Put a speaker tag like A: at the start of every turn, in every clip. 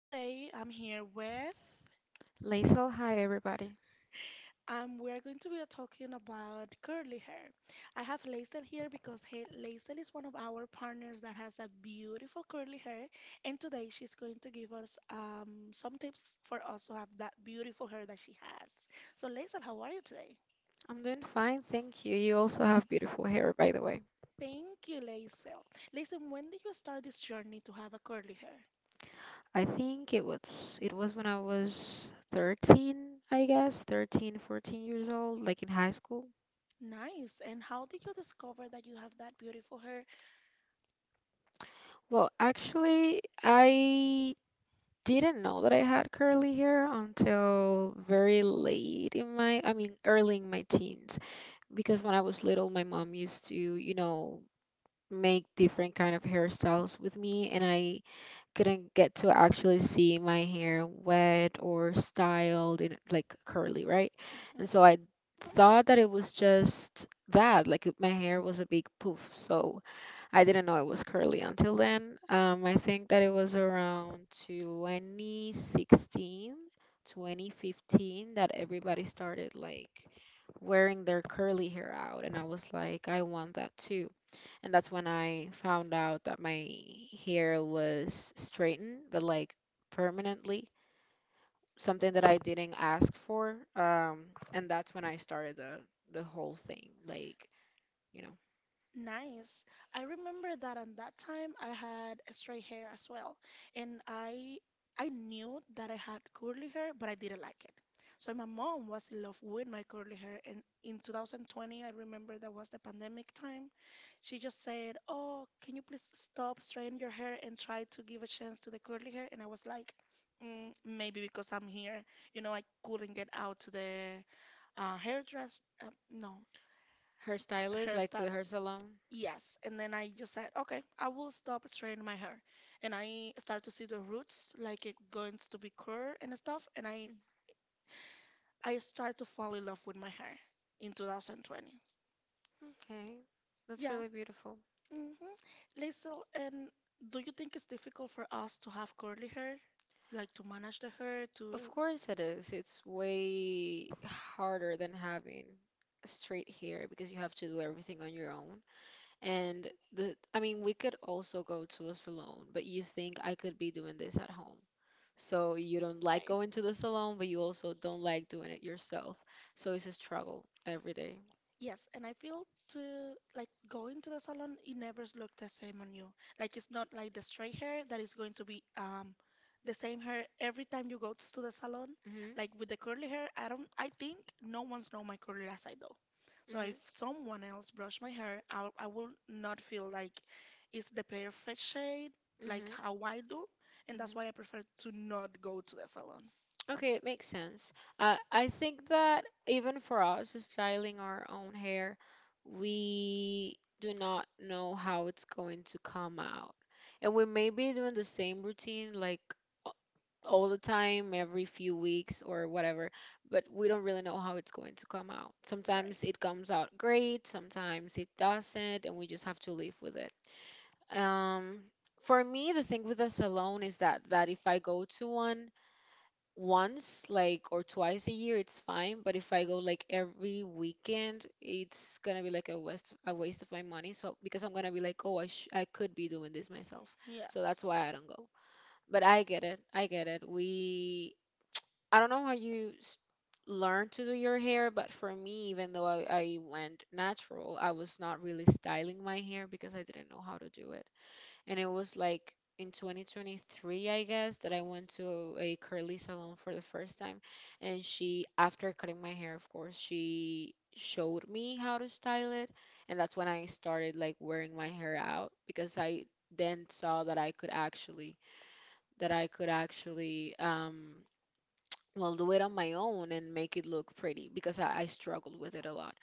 A: Today I'm here with,
B: Liesl, hi everybody.
A: and we're going to be talking about curly hair. I have Laysel here because Laysel is one of our partners that has a beautiful curly hair, and today she's going to give us some tips for us to have that beautiful hair that she has. So, Laysel, how are you today?
B: I'm doing fine, thank you. You also have beautiful hair, by the way.
A: Thank you, Laysel. Laysel, when did you start this journey to have a curly hair?
B: I think it was when I was 13, I guess, 13, 14 years old, like in high school.
A: Nice. And how did you discover that you have that beautiful hair?
B: Well, actually, I didn't know that I had curly hair until very late in my, I mean, early in my teens, because when I was little, my mom used to, make different kind of hairstyles with me, and I couldn't get to actually see my hair wet or styled in like curly, right?
A: Gonna get
B: And
A: to
B: so I
A: practice
B: thought that it was just that, like my hair was a big poof. So I didn't know it was curly until then. I think that it was around 2016, 2015 that everybody started like wearing their curly hair out, and I was like, I want that too, and that's when I found out that my hair was straightened, but like permanently, something that I didn't ask for. And that's when I started the whole thing, you know,
A: in my career when we somebody who's gonna be a career. So I. Nice. I remember that at that time I had straight hair as well, and I knew that I had curly hair, but I didn't like it. So my mom was in love with my curly hair, and in 2020, I remember that was the pandemic time. She just said, "Oh, can you please stop straightening your hair and try to give a chance to the curly hair?" And I was like, maybe because I'm here, you know, I couldn't get out to the hairdress, no,
B: hairstylist, like to the
A: hairstyle.
B: hair salon.
A: Yes, and then I just said, okay, I will stop straightening my hair. And I start to see the roots, like it going to be curl and stuff. And I start to fall in love with my hair in 2020.
B: Okay, that's
A: Yeah.
B: really beautiful.
A: Mm-hmm. Liesl, and do you think it's difficult for us to have curly hair? Like to manage the hair,
B: Of
A: to.
B: course it is. It's way harder than having straight hair because you have to do everything on your own. And the, I mean, we could also go to a salon, but you think I could be doing this at home? So you don't like
A: Right.
B: going to the salon, but you also don't like doing it yourself. So it's a struggle every day.
A: Yes, and I feel to, like, going to the salon, it never look the same on you. Like it's not like the straight hair that is going to be the same hair every time you go to the salon.
B: Mm-hmm.
A: Like with the curly hair, I don't, I think no one's know my curly last I though. So if
B: Hmm.
A: someone else brush my hair, I will not feel like it's the perfect shade like
B: Mhm.
A: how I do, and that's
B: Mhm.
A: why I prefer to not go to the salon.
B: Okay, it makes sense. I think that even for us, styling our own hair, we do not know how it's going to come out. And we may be doing the same routine like a- all the time, every few weeks or whatever, but we don't really know how it's going to come out.
A: Right.
B: Sometimes it comes out great, sometimes it doesn't, and we just have to live with it. Um, for me, the thing with the salon is that if I go to one once, like or twice a year, it's fine. But if I go like every weekend, it's gonna be like a waste of my money. So because I'm gonna be like, oh, I could be doing this myself. So that's
A: Yes.
B: why I don't go. But I get it. I get it. We I don't know how you learn to do your hair, but for me, even though I went natural, I was not really styling my hair because I didn't know how to do, and it was like in 2023, I guess, that I went to a curly salon for the first time. And she, after cutting my hair, of course, she showed me how to style it. And that's when I started like wearing my hair out because I then saw that I could actually, that I could actually, do it on my own and make it look pretty because I struggled with it a lot.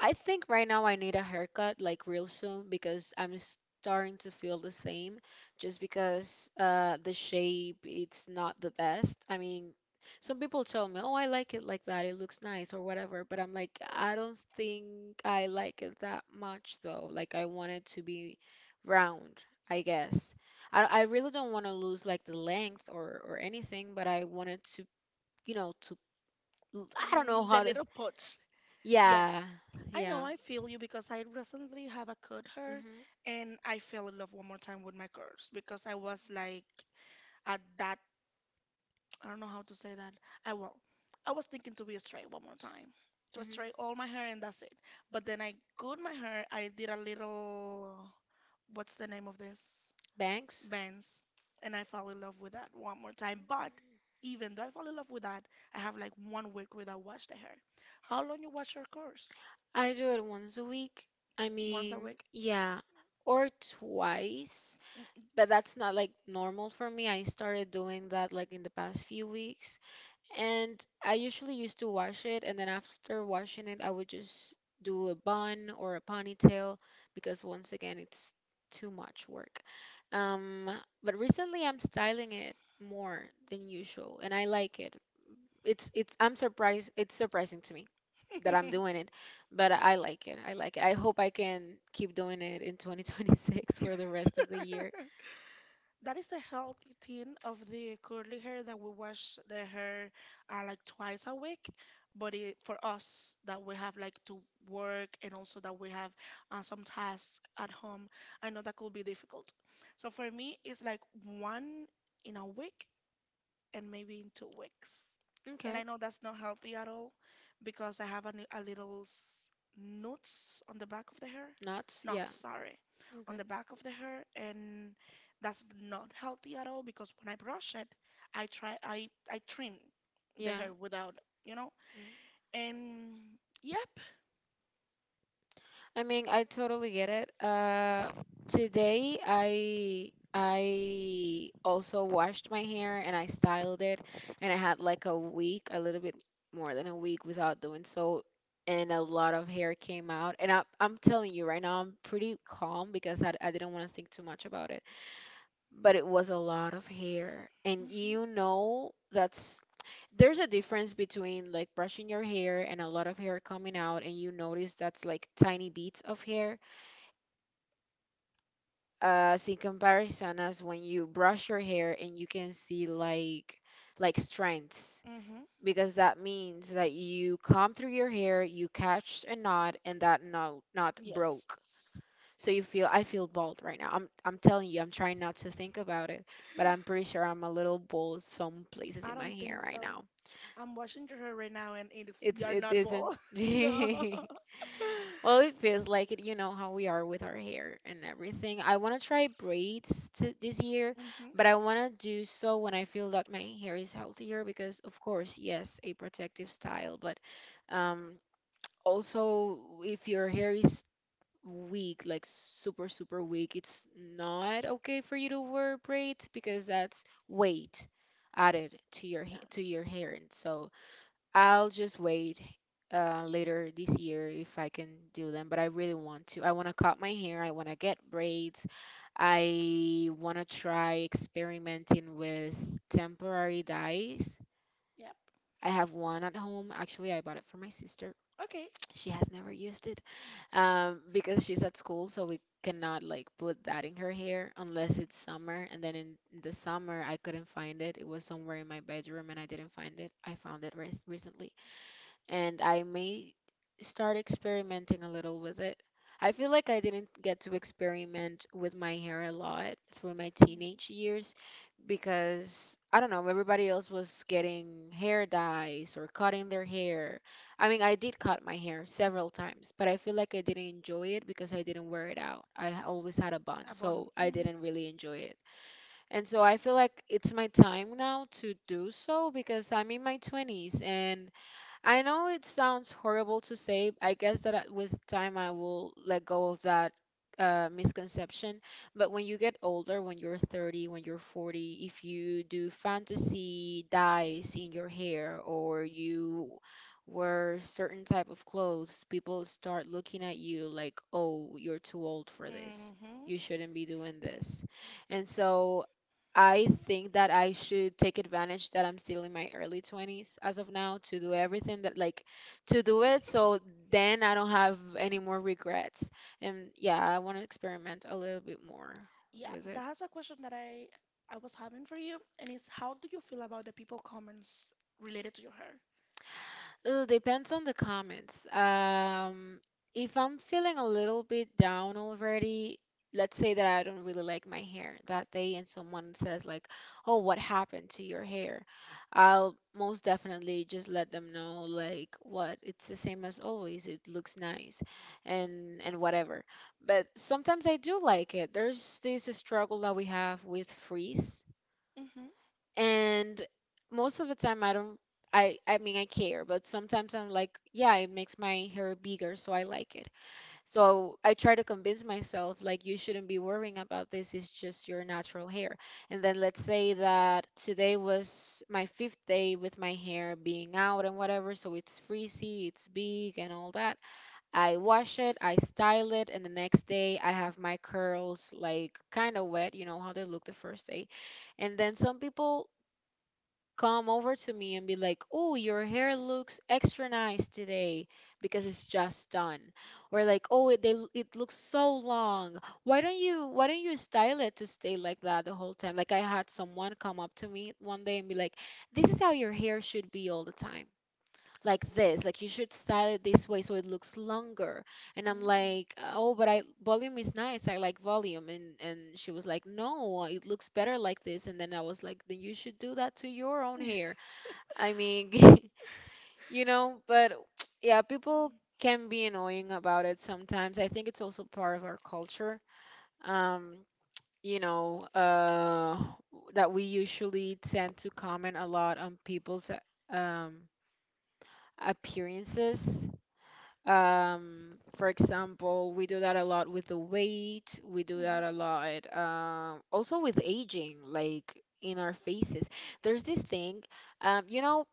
B: I think right now I need a haircut like real soon because I'm starting to feel the same just because the shape it's not the best. I mean, some people tell me, "Oh, I like it like that. It looks nice or whatever." But I'm like, I don't think I like it that much though. Like I want it to be round, I guess. I really don't want to lose like the length or anything, but I want it to, you know, to I don't know
A: Mm, the
B: how to.
A: little pots.
B: Yeah,
A: Yes. I
B: yeah.
A: know, I feel you, because I recently have a curd hair
B: Mhm.
A: and I fell in love one more time with my curls because I was like at that, I don't know how to say that. I, well, I was thinking to be a straight one more time. To
B: Mhm.
A: straight all my hair and that's it. But then I cut my hair, I did a little, what's the name of this?
B: Bangs.
A: Bands. And I fell in love with that one more time. But even though I fell in love with that, I have like one week without wash the hair. How long you wash your course?
B: I do it once a week. I
A: Once a
B: mean,
A: week?
B: yeah, or twice, but that's not like normal for me. I started doing that like in the past few weeks. And I usually used to wash it, and then after washing it, I would just do a bun or a ponytail because once again, it's too much work. Um, but recently I'm styling it more than usual, and I like it. It's I'm surprised, it's surprising to me that I'm doing it, but I like it. I like it. I hope I can keep doing it in 2026 for the rest of the year.
A: That is the healthy thing of the curly hair, that we wash the hair like twice a week. But it, for us that we have like to work and also that we have some tasks at home, I know that could be difficult. So for me, it's like one in a week and maybe in 2 weeks. And
B: Okay.
A: I know that's not healthy at all because I have a, a little knots on the back of the hair.
B: Nuts,
A: Not,
B: yeah.
A: sorry,
B: You're
A: on
B: good.
A: the back of the hair, and that's not healthy at all because when I brush it, I try I trim the
B: Yeah.
A: hair without, you know.
B: Mm.
A: And yep.
B: I mean, I totally get it. Today I also washed my hair and I styled it, and I had like a week, a little bit more than a week without doing so, and a lot of hair came out. And I'm telling you right now, I'm pretty calm because I didn't want to think too much about it. But it was a lot of hair, and
A: Mhm.
B: that's there's a difference between like brushing your hair and a lot of hair coming out and you notice that's like tiny beads of hair as in comparison as when you brush your hair and you can see like strands
A: Mhm.
B: because that means that you come through your hair, you catch a knot, and that knot broke,
A: Yes.
B: so you feel I feel bald right now. I'm telling you, I'm trying not to think about it, but I'm pretty sure I'm a little bald some places
A: I
B: in my
A: don't
B: hair
A: think
B: right
A: so.
B: now.
A: I'm watching her right now, and it is,
B: It's
A: you're
B: it
A: not
B: isn't.
A: ball. No.
B: Well, it feels like it, you know how we are with our hair and everything. I want to try braids to this year,
A: Hmm.
B: but I want to do so when I feel that my hair is healthier because of course, yes, a protective style, but um also if your hair is weak, like super weak, it's not okay for you to wear braids because that's weight added to your
A: Yeah.
B: to your hair. And so I'll just wait later this year if I can do them, but I really want to. I want to cut my hair. I want to get braids. I want to try experimenting with temporary dyes.
A: Yep.
B: I have one at home. Actually, I bought it for my sister.
A: Okay.
B: She has never used it because she's at school, so we cannot like put that in her hair
A: Yeah.
B: unless it's summer. And then in the summer, I couldn't find it. It was somewhere in my bedroom, and I didn't find it. I found it recently, and I may start experimenting a little with it. I feel like I didn't get to experiment with my hair a lot through my
A: Hmm.
B: teenage years because I don't know, everybody else was getting hair dyes or cutting their hair. I mean, I did cut my hair several times, but I feel like I didn't enjoy it because I didn't wear it out. I always had a bun,
A: Abon.
B: so I
A: Hmm.
B: didn't really enjoy it. And so I feel like it's my time now to do so because I'm in my 20s, and I know it sounds horrible to say. I guess that with time I will let go of that misconception. But when you get older, when you're 30, when you're 40, if you do fantasy dyes in your hair or you wear certain type of clothes, people start looking at you like, oh, you're too old for this. You shouldn't be doing this. And so I think that I should take advantage that I'm still in my early 20s as of now to do everything that like to do it so then I don't have any more regrets. And yeah, I want to experiment a little bit more
A: Yeah,
B: with it.
A: that's a question that I was having for you, and it's how do you feel about the people comments related to your hair?
B: It depends on the comments. If I'm feeling a little bit down already, let's say that I don't really like my hair that day, and someone says like, "Oh, what happened to your hair?" I'll most definitely just let them know like, "What? It's the same as always. It looks nice," and whatever. But sometimes I do like it. There's this struggle that we have with frizz,
A: Mm-hmm.
B: and most of the time I don't, I mean, I care, but sometimes I'm like, yeah, it makes my hair bigger, so I like it. So I try to convince myself like, you shouldn't be worrying about this, it's just your natural hair. And then let's say that today was my fifth day with my hair being out and whatever, so it's frizzy, it's big, and all that. I wash it, I style it, and the next day I have my curls like kind of wet, you know how they look the first day, and then some people come over to me and be like, "Oh, your hair looks extra nice today because it's just done," or like, "Oh, it they, it looks so long. Why don't you style it to stay like that the whole time?" Like I had someone come up to me one day and be like, "This is how your hair should be all the time." Like this, like you should style it this way so it looks longer. And I'm like, oh, but I volume is nice. I like volume. And she was like, no, it looks better like this. And then I was like, then you should do that to your own
A: Mm. Yeah,
B: hair. I mean, but yeah, people
A: comment,
B: can be annoying about it sometimes. I think it's also part of our culture. Um, you know, uh, that we usually tend to comment a lot on people's appearances. For example, we do that a lot with the weight. We do that a lot, also with aging, like in our faces. There's this thing, um, you know,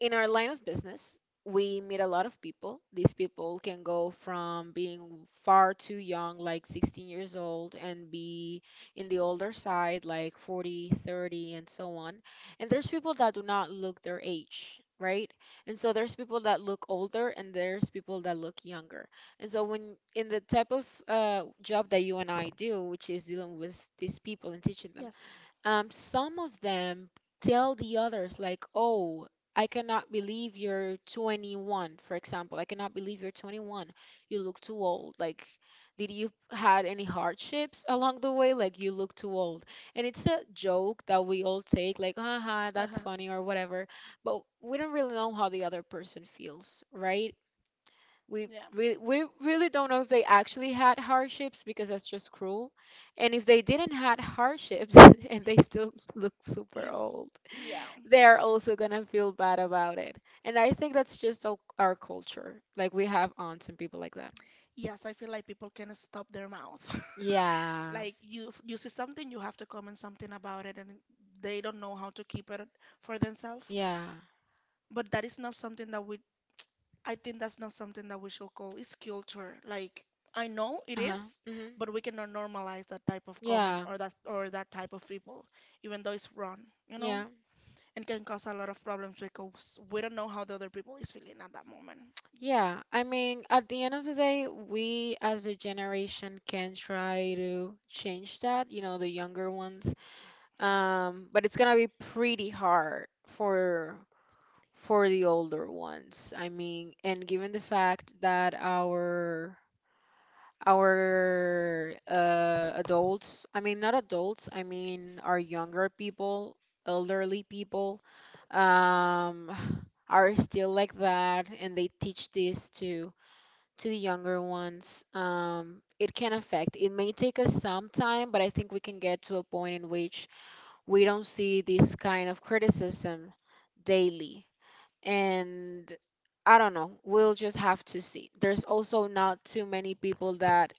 B: in our line of business, we meet a lot of people. These people can go from being far too young, like 16 years old, and be in the older side, like 40, 30, and so on. And there's people that do not look their age, right? And so there's people that look older and there's people that look younger. And so when in the type of job that you and I do, which is dealing with these people and teaching
A: these people
B: them,
A: taking.
B: some of them tell the others like, "Oh, I cannot believe you're 21." For example, I cannot believe you're 21. You look too old. Like, did you had any hardships along the way? Like, you look too old. And it's a joke that we all take, like, "Haha, that's
A: Uh-huh.
B: funny" or whatever. But we don't really know how the other person feels, right? We
A: Yeah.
B: we really don't know if they actually had hardships because that's just cruel. And if they didn't had hardships and they still look super
A: It's,
B: old,
A: yeah.
B: they are also gonna feel bad about it. And I think that's just our culture. Like we have aunts and people like that.
A: Yes, I feel like people can stop their mouth.
B: Yeah.
A: Like, you see something, you have to comment something about it, and they don't know how to keep it for themselves.
B: Yeah.
A: But that is not something that we, I think that's not something that we should call is culture. Like, I know it
B: Uh-huh.
A: is,
B: Hmm.
A: but we cannot normalize that type of comment
B: Yeah,
A: or that, or that type of people, even though it's wrong, you know,
B: yeah,
A: and can cause a lot of problems because we don't know how the other people is feeling at that moment.
B: yeah. I mean, at the end of the day, we as a generation can try to change that, you know, the younger ones. But it's gonna be pretty hard for the older ones. I mean, and given the fact that our adults, I mean not adults, I mean our younger people, elderly people, um, are still like that, and they teach this to the younger ones. It can affect. It may take us some time, but I think we can get to a point in which we don't see this kind of criticism daily. And I don't know, we'll just have to see. There's also not too many people that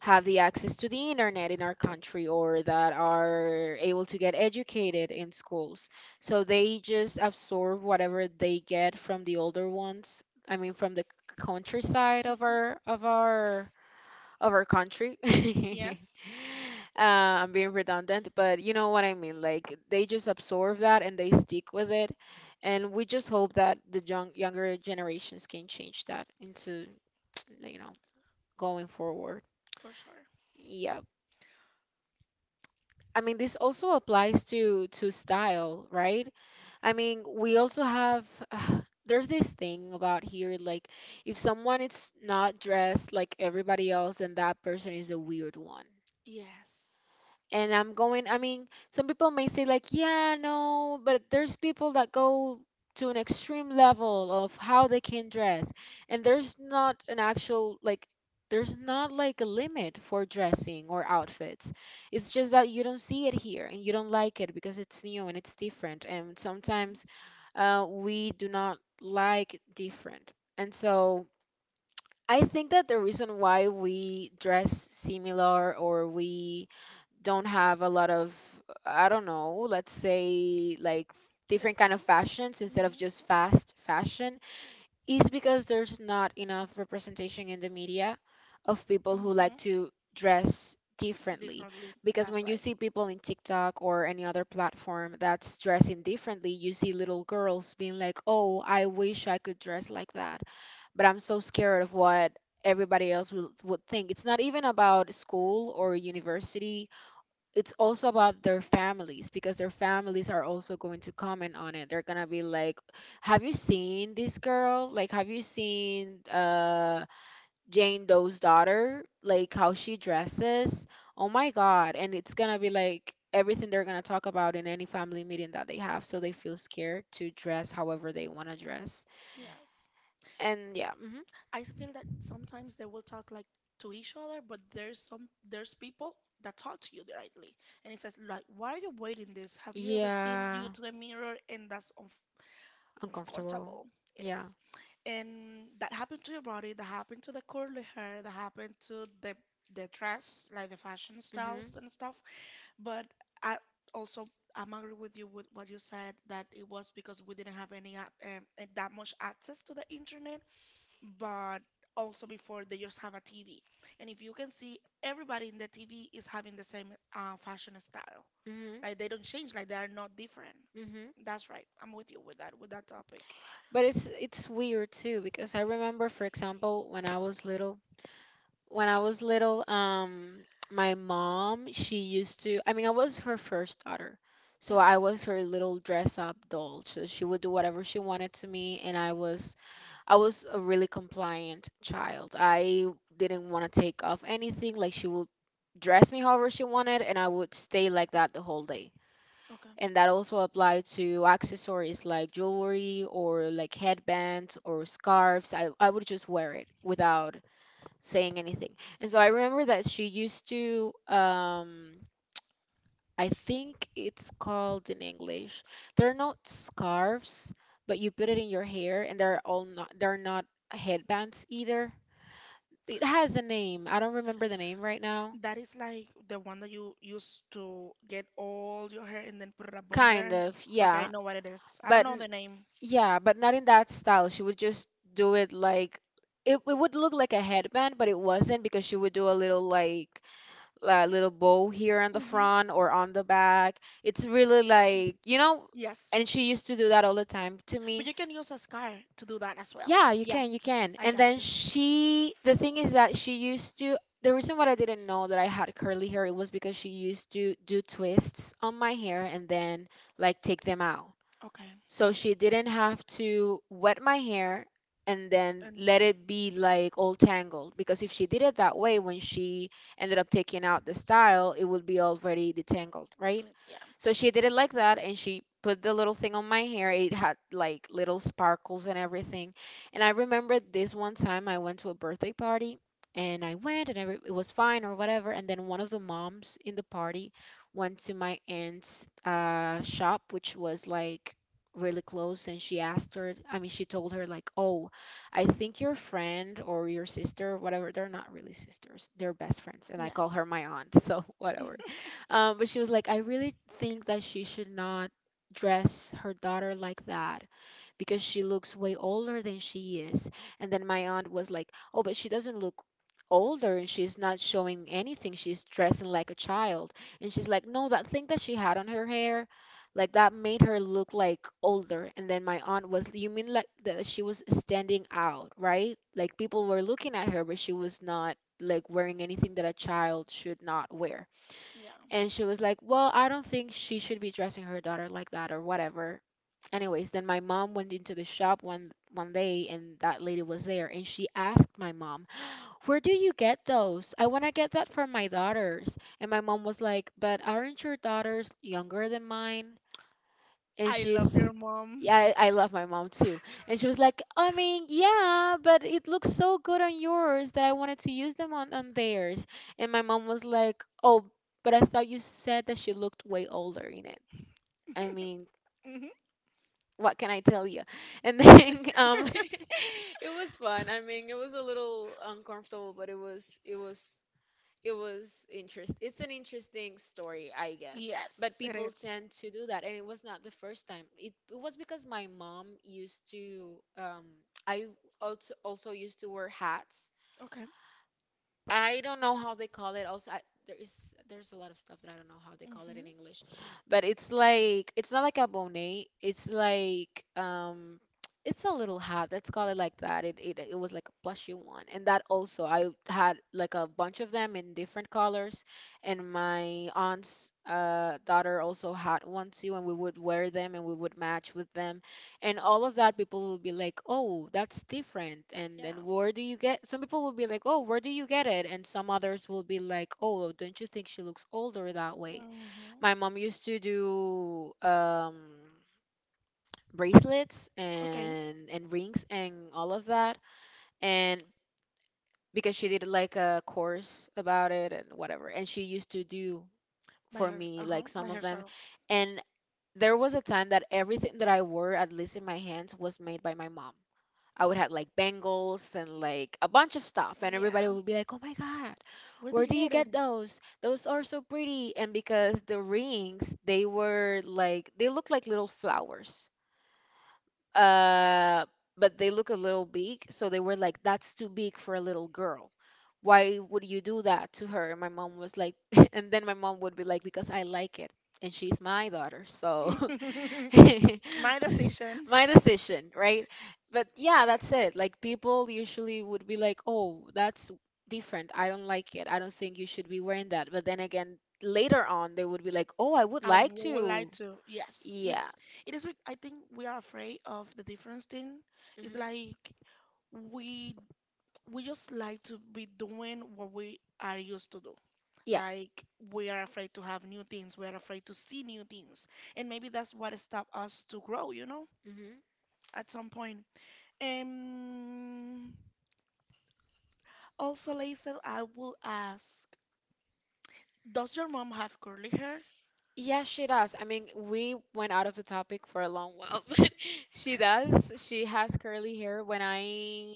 B: have the access to the internet in our country or that are able to get educated in schools. So they just absorb whatever they get from the older ones. I mean, from the countryside of
A: Mhm.
B: our country.
A: Yes,
B: Uh, I'm being redundant, but you know what I mean. Like they just absorb that and they stick with it, and we just hope that the younger generations can change that into you know going forward.
A: for sure.
B: Yeah. I mean, this also applies to style, right? I mean, we also have there's this thing about here like if someone is not dressed like everybody else, then that person is a weird one.
A: Yes.
B: And I'm going. I mean, some people may say like, yeah, no, but there's people that go to an extreme level of how they can dress, and there's not an actual like, there's not like a limit for dressing or outfits. It's just that you don't see it here and you don't like it because it's new and it's different, and
A: Mhm.
B: sometimes we do not like different, and so. I think that the reason why we dress similar or we don't have a lot of, I don't know, let's say like different
A: It's-
B: kind of fashions instead of
A: mhm.
B: just fast fashion is because there's not enough representation in the media of people who like
A: Hmm.
B: to dress differently.
A: Differently.
B: Because
A: That's
B: when you
A: right.
B: see people in TikTok or any other platform that's dressing differently, you see little girls being like, "Oh, I wish I could dress like that, but I'm so scared of what everybody else would think." It's not even about school or university, it's also about their families because their families are also going to comment on it. They're gonna be like, "Have you seen this girl? Like, have you seen Jane Doe's daughter? Like how she dresses? Oh my God!" And it's gonna be like everything they're gonna talk about in any family meeting that they have, so they feel scared to dress however they want to dress.
A: Yes.
B: And yeah. Hmm.
A: Feel that sometimes they will talk like to each other, but there's some, there's people that talk to you directly, and it says like, "Why are you wearing this? Have you ever seen you
B: Yeah,
A: to the mirror?" And that's
B: uncomfortable.
A: comfortable. It
B: Yeah.
A: is. And that happened to your body, that happened to the curly hair, that happened to the dress, like the fashion
B: Hmm.
A: styles and stuff. But I also, I'm agree with you with what you said, that it was because we didn't have any that much access to the internet, but also before they just have a TV. And if you can see, everybody in the TV is having the same fashion style. Like they don't change, like they are not different.
B: Hmm. Hmm.
A: That's right. I'm with you with that, with that topic.
B: But it's weird too because I remember, for example, when I was little, when I was little, my mom, she used to, I mean, I was her first daughter. So
A: Yeah.
B: I was her little dress up doll. So she would do whatever she wanted to me, and I was a really compliant child. I didn't want to take off anything. Like she would dress me however she wanted, and I would stay like that the whole day.
A: Okay.
B: And that also apply to accessories like jewelry or like headbands or scarves. I would just wear it without saying anything. And so I remember that she used to, I think it's called in English. They're not scarves, but you put it in your hair, and they're all not they're not headbands either. It has a name. I don't remember the name right now.
A: That is like the one that you used to get all your hair and then put it up on
B: Kind
A: there.
B: of,
A: Okay, I
B: yeah.
A: know what it is. I don't
B: But
A: know the name.
B: yeah, but not in that style. She would just do it like it would look like a headband, but it wasn't because she would do a little like a little bow here on the
A: Hmm.
B: front or on the back. It's really like, you know,
A: Yes.
B: and she used to do that all the time to
A: But
B: me.
A: you can use a scar to do that as well.
B: Yeah, you can, you
A: Yes.
B: can.
A: I
B: And
A: got
B: then
A: you.
B: she, the thing is that she used to, the reason why I didn't know that I had curly hair, it was because she used to do twists on my hair and then like take them out
A: Okay.
B: so she didn't have to wet my hair and then
A: And
B: let it be like all tangled because if she did it that way when she ended up taking out the style it would be already detangled, right?
A: yeah.
B: So she did it like that and she put the little thing on my hair. It had like little sparkles and everything, and I remember this one time I went to a birthday party, and I went and every- it was fine or whatever. And then one of the moms in the party went to my aunt's shop, which was like really close, and she asked her, I mean she told her like, oh, I think your friend or your sister, whatever, they're not really sisters, they're best friends and I call her
A: Yes.
B: my aunt, so whatever,
A: Mm.
B: but she was like, I really think that she should not dress her daughter like that because she looks way older than she is. And then my aunt was like, oh, but she doesn't look older, and she's not showing anything, she's dressing like a child. And she's like, no, that thing that she had on her hair, like, that made her look like older. And then my aunt was, you mean like that she was standing out, right? Like people were looking at her, but she was not like wearing anything that a child should not wear.
A: Yeah.
B: And she was like, well, I don't think she should be dressing her daughter like that or whatever. Anyways, then my mom went into the shop one day and that lady was there, and she asked my mom, "Where do you get those? I want to get that for my daughters." And my mom was like, "But aren't your daughters younger than mine?" And
A: I love
B: she's,
A: your mom.
B: yeah, I love my mom too. And she was like, I mean, yeah, but it looks so good on yours that I wanted to use them on theirs. And my mom was like, oh, but I thought you said that she looked way older in it. I mean,
A: Mhm.
B: what can I tell you? And then it was fun. I mean, it was a little uncomfortable, but it was, it was, it was interest, it's an interesting story, I guess. But
A: Yes, it
B: people
A: is.
B: tend to do that, and it was not the first time. It was because my mom used to I also used to wear hats.
A: Okay.
B: I don't know how they call it. Also, I, there's a lot of stuff that I don't know how they call it in
A: Hmm.
B: English, but it's like, it's not like a bonnet. It's like, it's a little hat. Let's call it like that. It was like a plushy one, and that also I had like a bunch of them in different colors, and my aunt's daughter also had one too, and we would wear them and we would match with them. And all of that, people will be like, oh, that's different, and
A: Yeah.
B: where do you get. Some people will be like, oh, where do you get it, and some others will be like, oh, don't you think she looks older that way.
A: Hmm.
B: My mom used to do bracelets
A: Okay,
B: and rings and all of that. And because she did like a course about it and whatever, and she used to do
A: by
B: for
A: her,
B: me
A: uh-huh,
B: like some
A: by
B: of them.
A: herself.
B: And there was a time that everything that I wore, at least in my hands, was made by my mom. I would have like bangles and like a bunch of stuff, and everybody
A: Yeah.
B: would be like, "Oh my God,
A: Where did
B: where
A: you
B: do you
A: get
B: get those? Those are so pretty!" And because the rings, they were like they looked like little flowers, uh, but they look a little big. So they were like, that's too big for a little girl. Why would you do that to her? And my mom was like, and then my mom would be like, because I like it. And she's my daughter. So
A: it? My decision.
B: my decision, right? But yeah, that's it. Like people usually would be like, oh, that's different. I don't like it. I don't think you should be wearing that. But then again, later on, they would be like, oh, I would
A: I
B: like
A: would like
B: to.
A: to. Yes, it's,
B: Yeah.
A: it is. With- I think we are afraid of the difference thing. It's
B: Hmm.
A: like we we just like to be doing what we are used to do.
B: Yeah.
A: Like we are afraid to have new things, we are afraid to see new things, and maybe that's what stopped us to grow, you know,
B: Mm-hmm.
A: at some point. Um, also, Laisel, I will ask, does your mom have curly hair?
B: Yeah, she does. I mean, we went out of the topic for a long while, but she does. She has curly hair. When I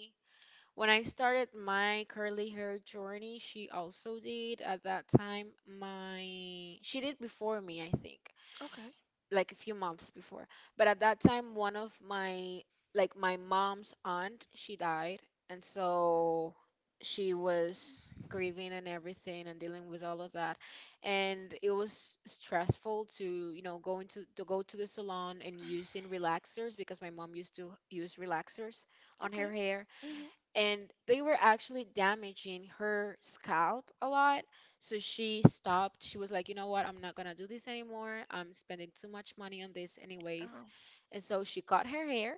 B: when I started my curly hair journey, she also did at that time. My She did before me, I think
A: Okay,
B: like a few months before. But at that time, one of my like my mom's aunt, she died, and so she was grieving and everything and dealing with all of that. And it was stressful to, you know, going to go to the salon and using relaxers, because my mom used to use relaxers on
A: okay.
B: her hair,
A: Mm-hmm.
B: and they were actually damaging her scalp a lot. So she stopped. She was like, you know what? I'm not gonna do this anymore. I'm spending too much money on this, anyways.
A: Oh,
B: And so she cut her hair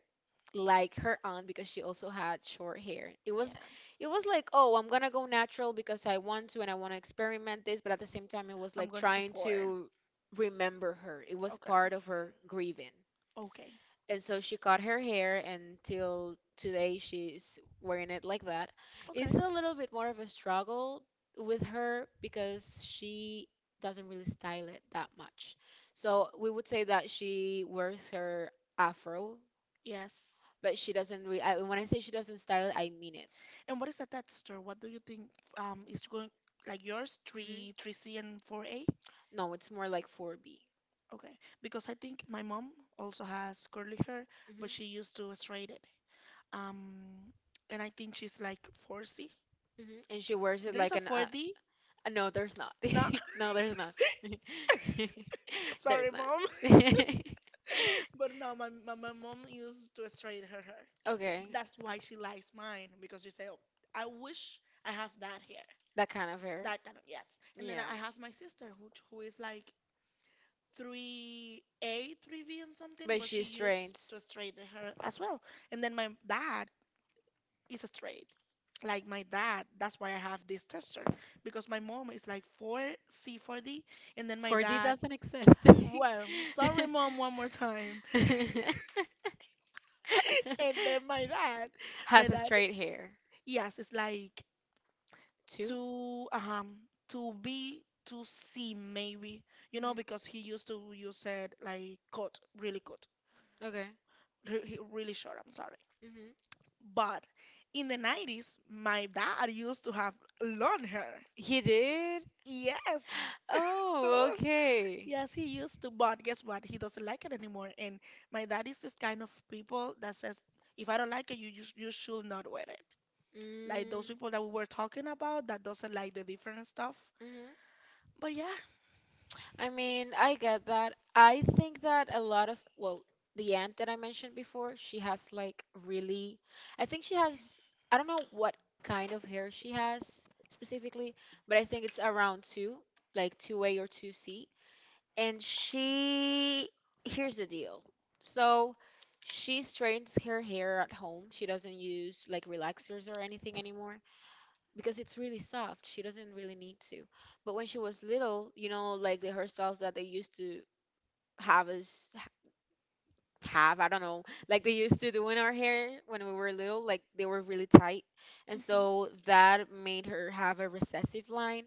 B: like her aunt, because she also had short hair. It was
A: yeah.
B: it was like, oh, I'm gonna go natural because I want to, and I want to experiment this, but at the same time it was
A: I'm
B: like
A: going to
B: trying
A: support.
B: to remember her. It was
A: Okay.
B: part of her grieving,
A: Okay.
B: and so she cut her hair, and till today she's wearing it like that. It's
A: Okay.
B: a little bit more of a struggle with her because she doesn't really style it that much, so we would say that she wears her afro,
A: Yes.
B: but she doesn't really. When I say she doesn't style it, I mean it.
A: And what is a texture? What do you think is going like yours,
B: hmm
A: three, three C and four A?
B: no, it's more like 4B.
A: Okay. Because I think my mom also has curly hair,
B: Hmm.
A: but she used to straight it. Um and I think she's like 4C.
B: Hmm. And she wears it
A: There's
B: like
A: a
B: an.
A: 4D?
B: No, there's not.
A: No,
B: No, there's not. There's
A: sorry, mom.
B: not.
A: But no, my mom used to straight her hair.
B: Okay,
A: That's why she likes mine because you say, "Oh, I wish I have that hair."
B: that kind of hair.
A: That kind of, yes. And then I
B: Yeah,
A: I have my sister who is like three A, three v and something,
B: but
A: but she
B: she
A: used to
B: straightens.
A: straighten her as well. And then my dad is straight. Like my dad, that's why I have this texture because my mom is like four C, four D, and then my
B: Four D
A: dad.
B: doesn't exist.
A: Well, sorry, mom, one more time. And then my
B: Has a
A: dad,
B: straight hair.
A: yes, it's like
B: Two?
A: to um to be to see maybe, you know,
B: Hmm.
A: because he used to use it like cut really cut
B: Okay.
A: really short, I'm sorry,
B: Hmm.
A: but in the 90s my dad used to have long hair.
B: He did?
A: Yes.
B: Oh, okay.
A: Yes, he used to, but guess what, he doesn't like it anymore. And my dad is this kind of people that says, if I don't like it, you should not wear it, like those people that we were talking about that doesn't like the different stuff.
B: Mm-hmm.
A: But yeah.
B: I mean, I get that. I think that a lot of, well, the aunt that I mentioned before, she has like really, I think she has, I don't know what kind of hair she has specifically, but I think it's around two, like 2A or 2C. And she, here's the deal. So she straightens her hair at home. She doesn't use like relaxers or anything anymore because it's really soft. She doesn't really need to. But when she was little, you know, like the hairstyles that they used to have us have, I don't know, like they used to do in our hair when we were little, like they were really tight. And
A: Mhm.
B: so that made her have a recessive line.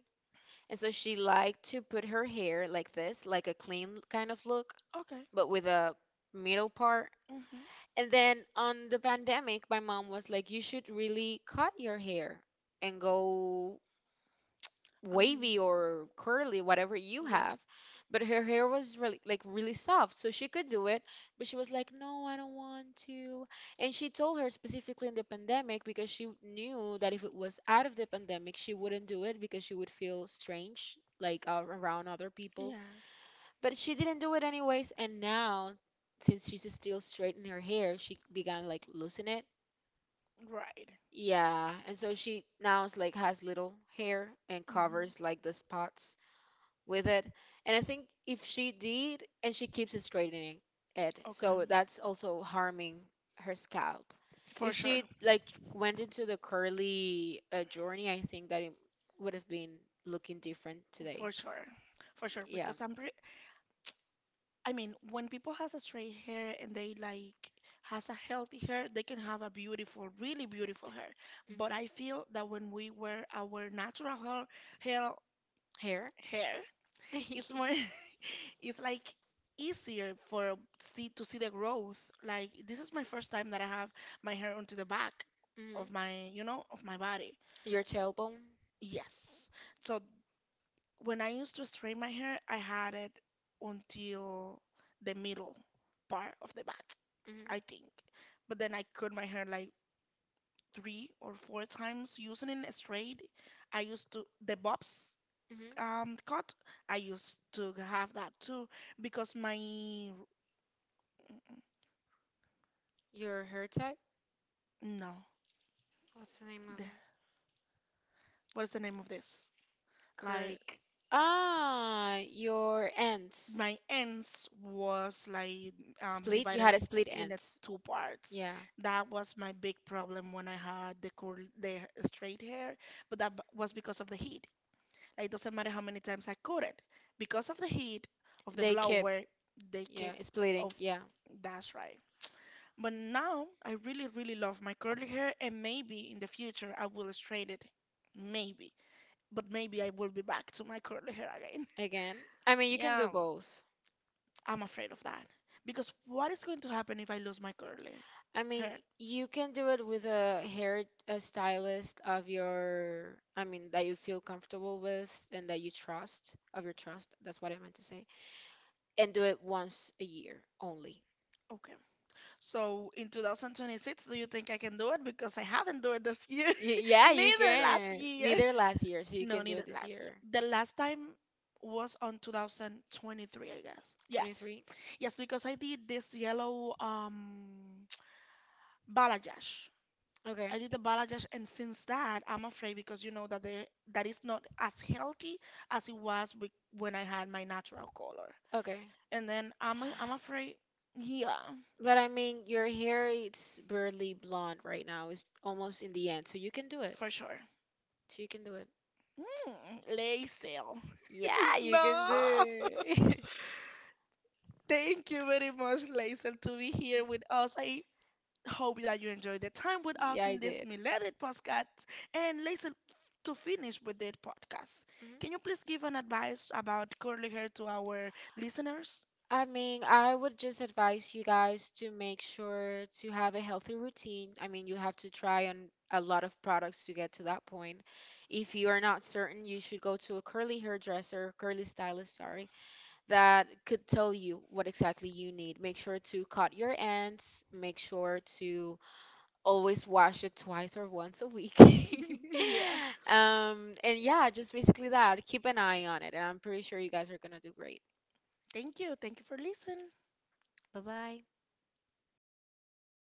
B: And so she liked to put her hair like this, like a clean kind of look,
A: Okay.
B: but with a middle part.
A: Mm-hmm.
B: And then on the pandemic, my mom was like, you should really cut your hair and go wavy
A: Um,
B: or curly, whatever you have.
A: yes.
B: But her hair was really like really soft, so she could do it. But she was like, "No, I don't want to." And she told her specifically in the pandemic, because she knew that if it was out of the pandemic, she wouldn't do it, because she would feel strange like around other people.
A: Yes.
B: But she didn't do it anyways. And now, since she's still straightening her hair, she began like losing it.
A: Right.
B: Yeah, and so she now is like has little hair and
A: Mm-hmm.
B: covers like the spots with it. And I think if she did, and she keeps straightening it,
A: Okay.
B: so that's also harming her scalp.
A: For
B: If
A: sure.
B: she like went into the curly journey, I think that it would have been looking different today.
A: For sure. For sure.
B: Yeah.
A: Because I'm pre, I mean, when people has a straight hair and they like has a healthy hair, they can have a beautiful, really beautiful hair.
B: Mhm.
A: But I feel that when we wear our natural hair, hair,
B: Hair.
A: hair, it's more it's like easier for see to see the growth. Like this is my first time that I have my hair onto the back
B: Mhm.
A: of my, you know, of my body.
B: Your tailbone.
A: Yes. So when I used to straighten my hair, I had it until the middle part of the back,
B: Mhm.
A: I think. But then I cut my hair like three or four times using it straight. I used to the bobs,
B: Mhm.
A: cut, I used to have that too because my.
B: Your hair type.
A: No.
B: What's the name of
A: The,
B: it?
A: what is the name of this?
B: Cur-
A: Like,
B: ah, your ends.
A: my ends was like
B: Split? You had
A: divided
B: a split
A: in a
B: ends.
A: two parts.
B: Yeah.
A: That was my big problem when I had the curl, the straight hair, but was because of the heat. Like it doesn't matter how many times I cut it, because of the heat of the
B: They kept,
A: blower, they
B: yeah,
A: kept
B: splitting.
A: up.
B: Yeah.
A: That's right. But now I really, really love my curly hair, and maybe in the future I will straight it. Maybe. But maybe I will be back to my curly hair again.
B: Again. I mean, you can do
A: Um,
B: both.
A: I'm afraid of that because what is going to happen if I lose my curly
B: I mean,
A: hair?
B: you can do it with a hair a stylist of your, I mean, that you feel comfortable with and that you trust, of your trust. That's what I meant to say. And do it once a year only.
A: Okay. So in 2026, do you think I can do it? Because I haven't do it this year,
B: Y- yeah, Neither last can.
A: neither last
B: Year.
A: year.
B: Neither last year, so
A: No, neither last year. The last time was on 2023, I guess. Yes, yes, because I did this yellow balayage.
B: 23. Okay.
A: I did the Balajash, and since that, I'm afraid, because you know that the, that is not as healthy as it was when I had my natural color.
B: Okay.
A: And then I'm afraid, yeah,
B: But I mean, your hair it's barely blonde right now. It's almost in the end, so you can do.
A: for sure.
B: So you can do it.
A: Mm, Laisel.
B: Yeah,
A: No, thank you very much, Laisel, to be here with us. I hope that you enjoyed the time with us in this Millennial podcast. And Laisel, to finish with that podcast,
B: Mhm.
A: can you please give an advice about curly hair to our listeners?
B: I mean, I would just advise you guys to make sure to have a healthy routine. I mean, you have to try on a lot of products to get to that point. If you are not certain, you should go to a curly hairdresser, curly stylist, sorry, that could tell you what exactly you need. Make sure to cut your ends, make sure to always wash it twice or once a week.
A: Yeah.
B: And yeah, just basically that. Keep an eye on it, and I'm pretty sure you guys are gonna do great.
A: Thank you. Thank you for listening.
B: Bye bye.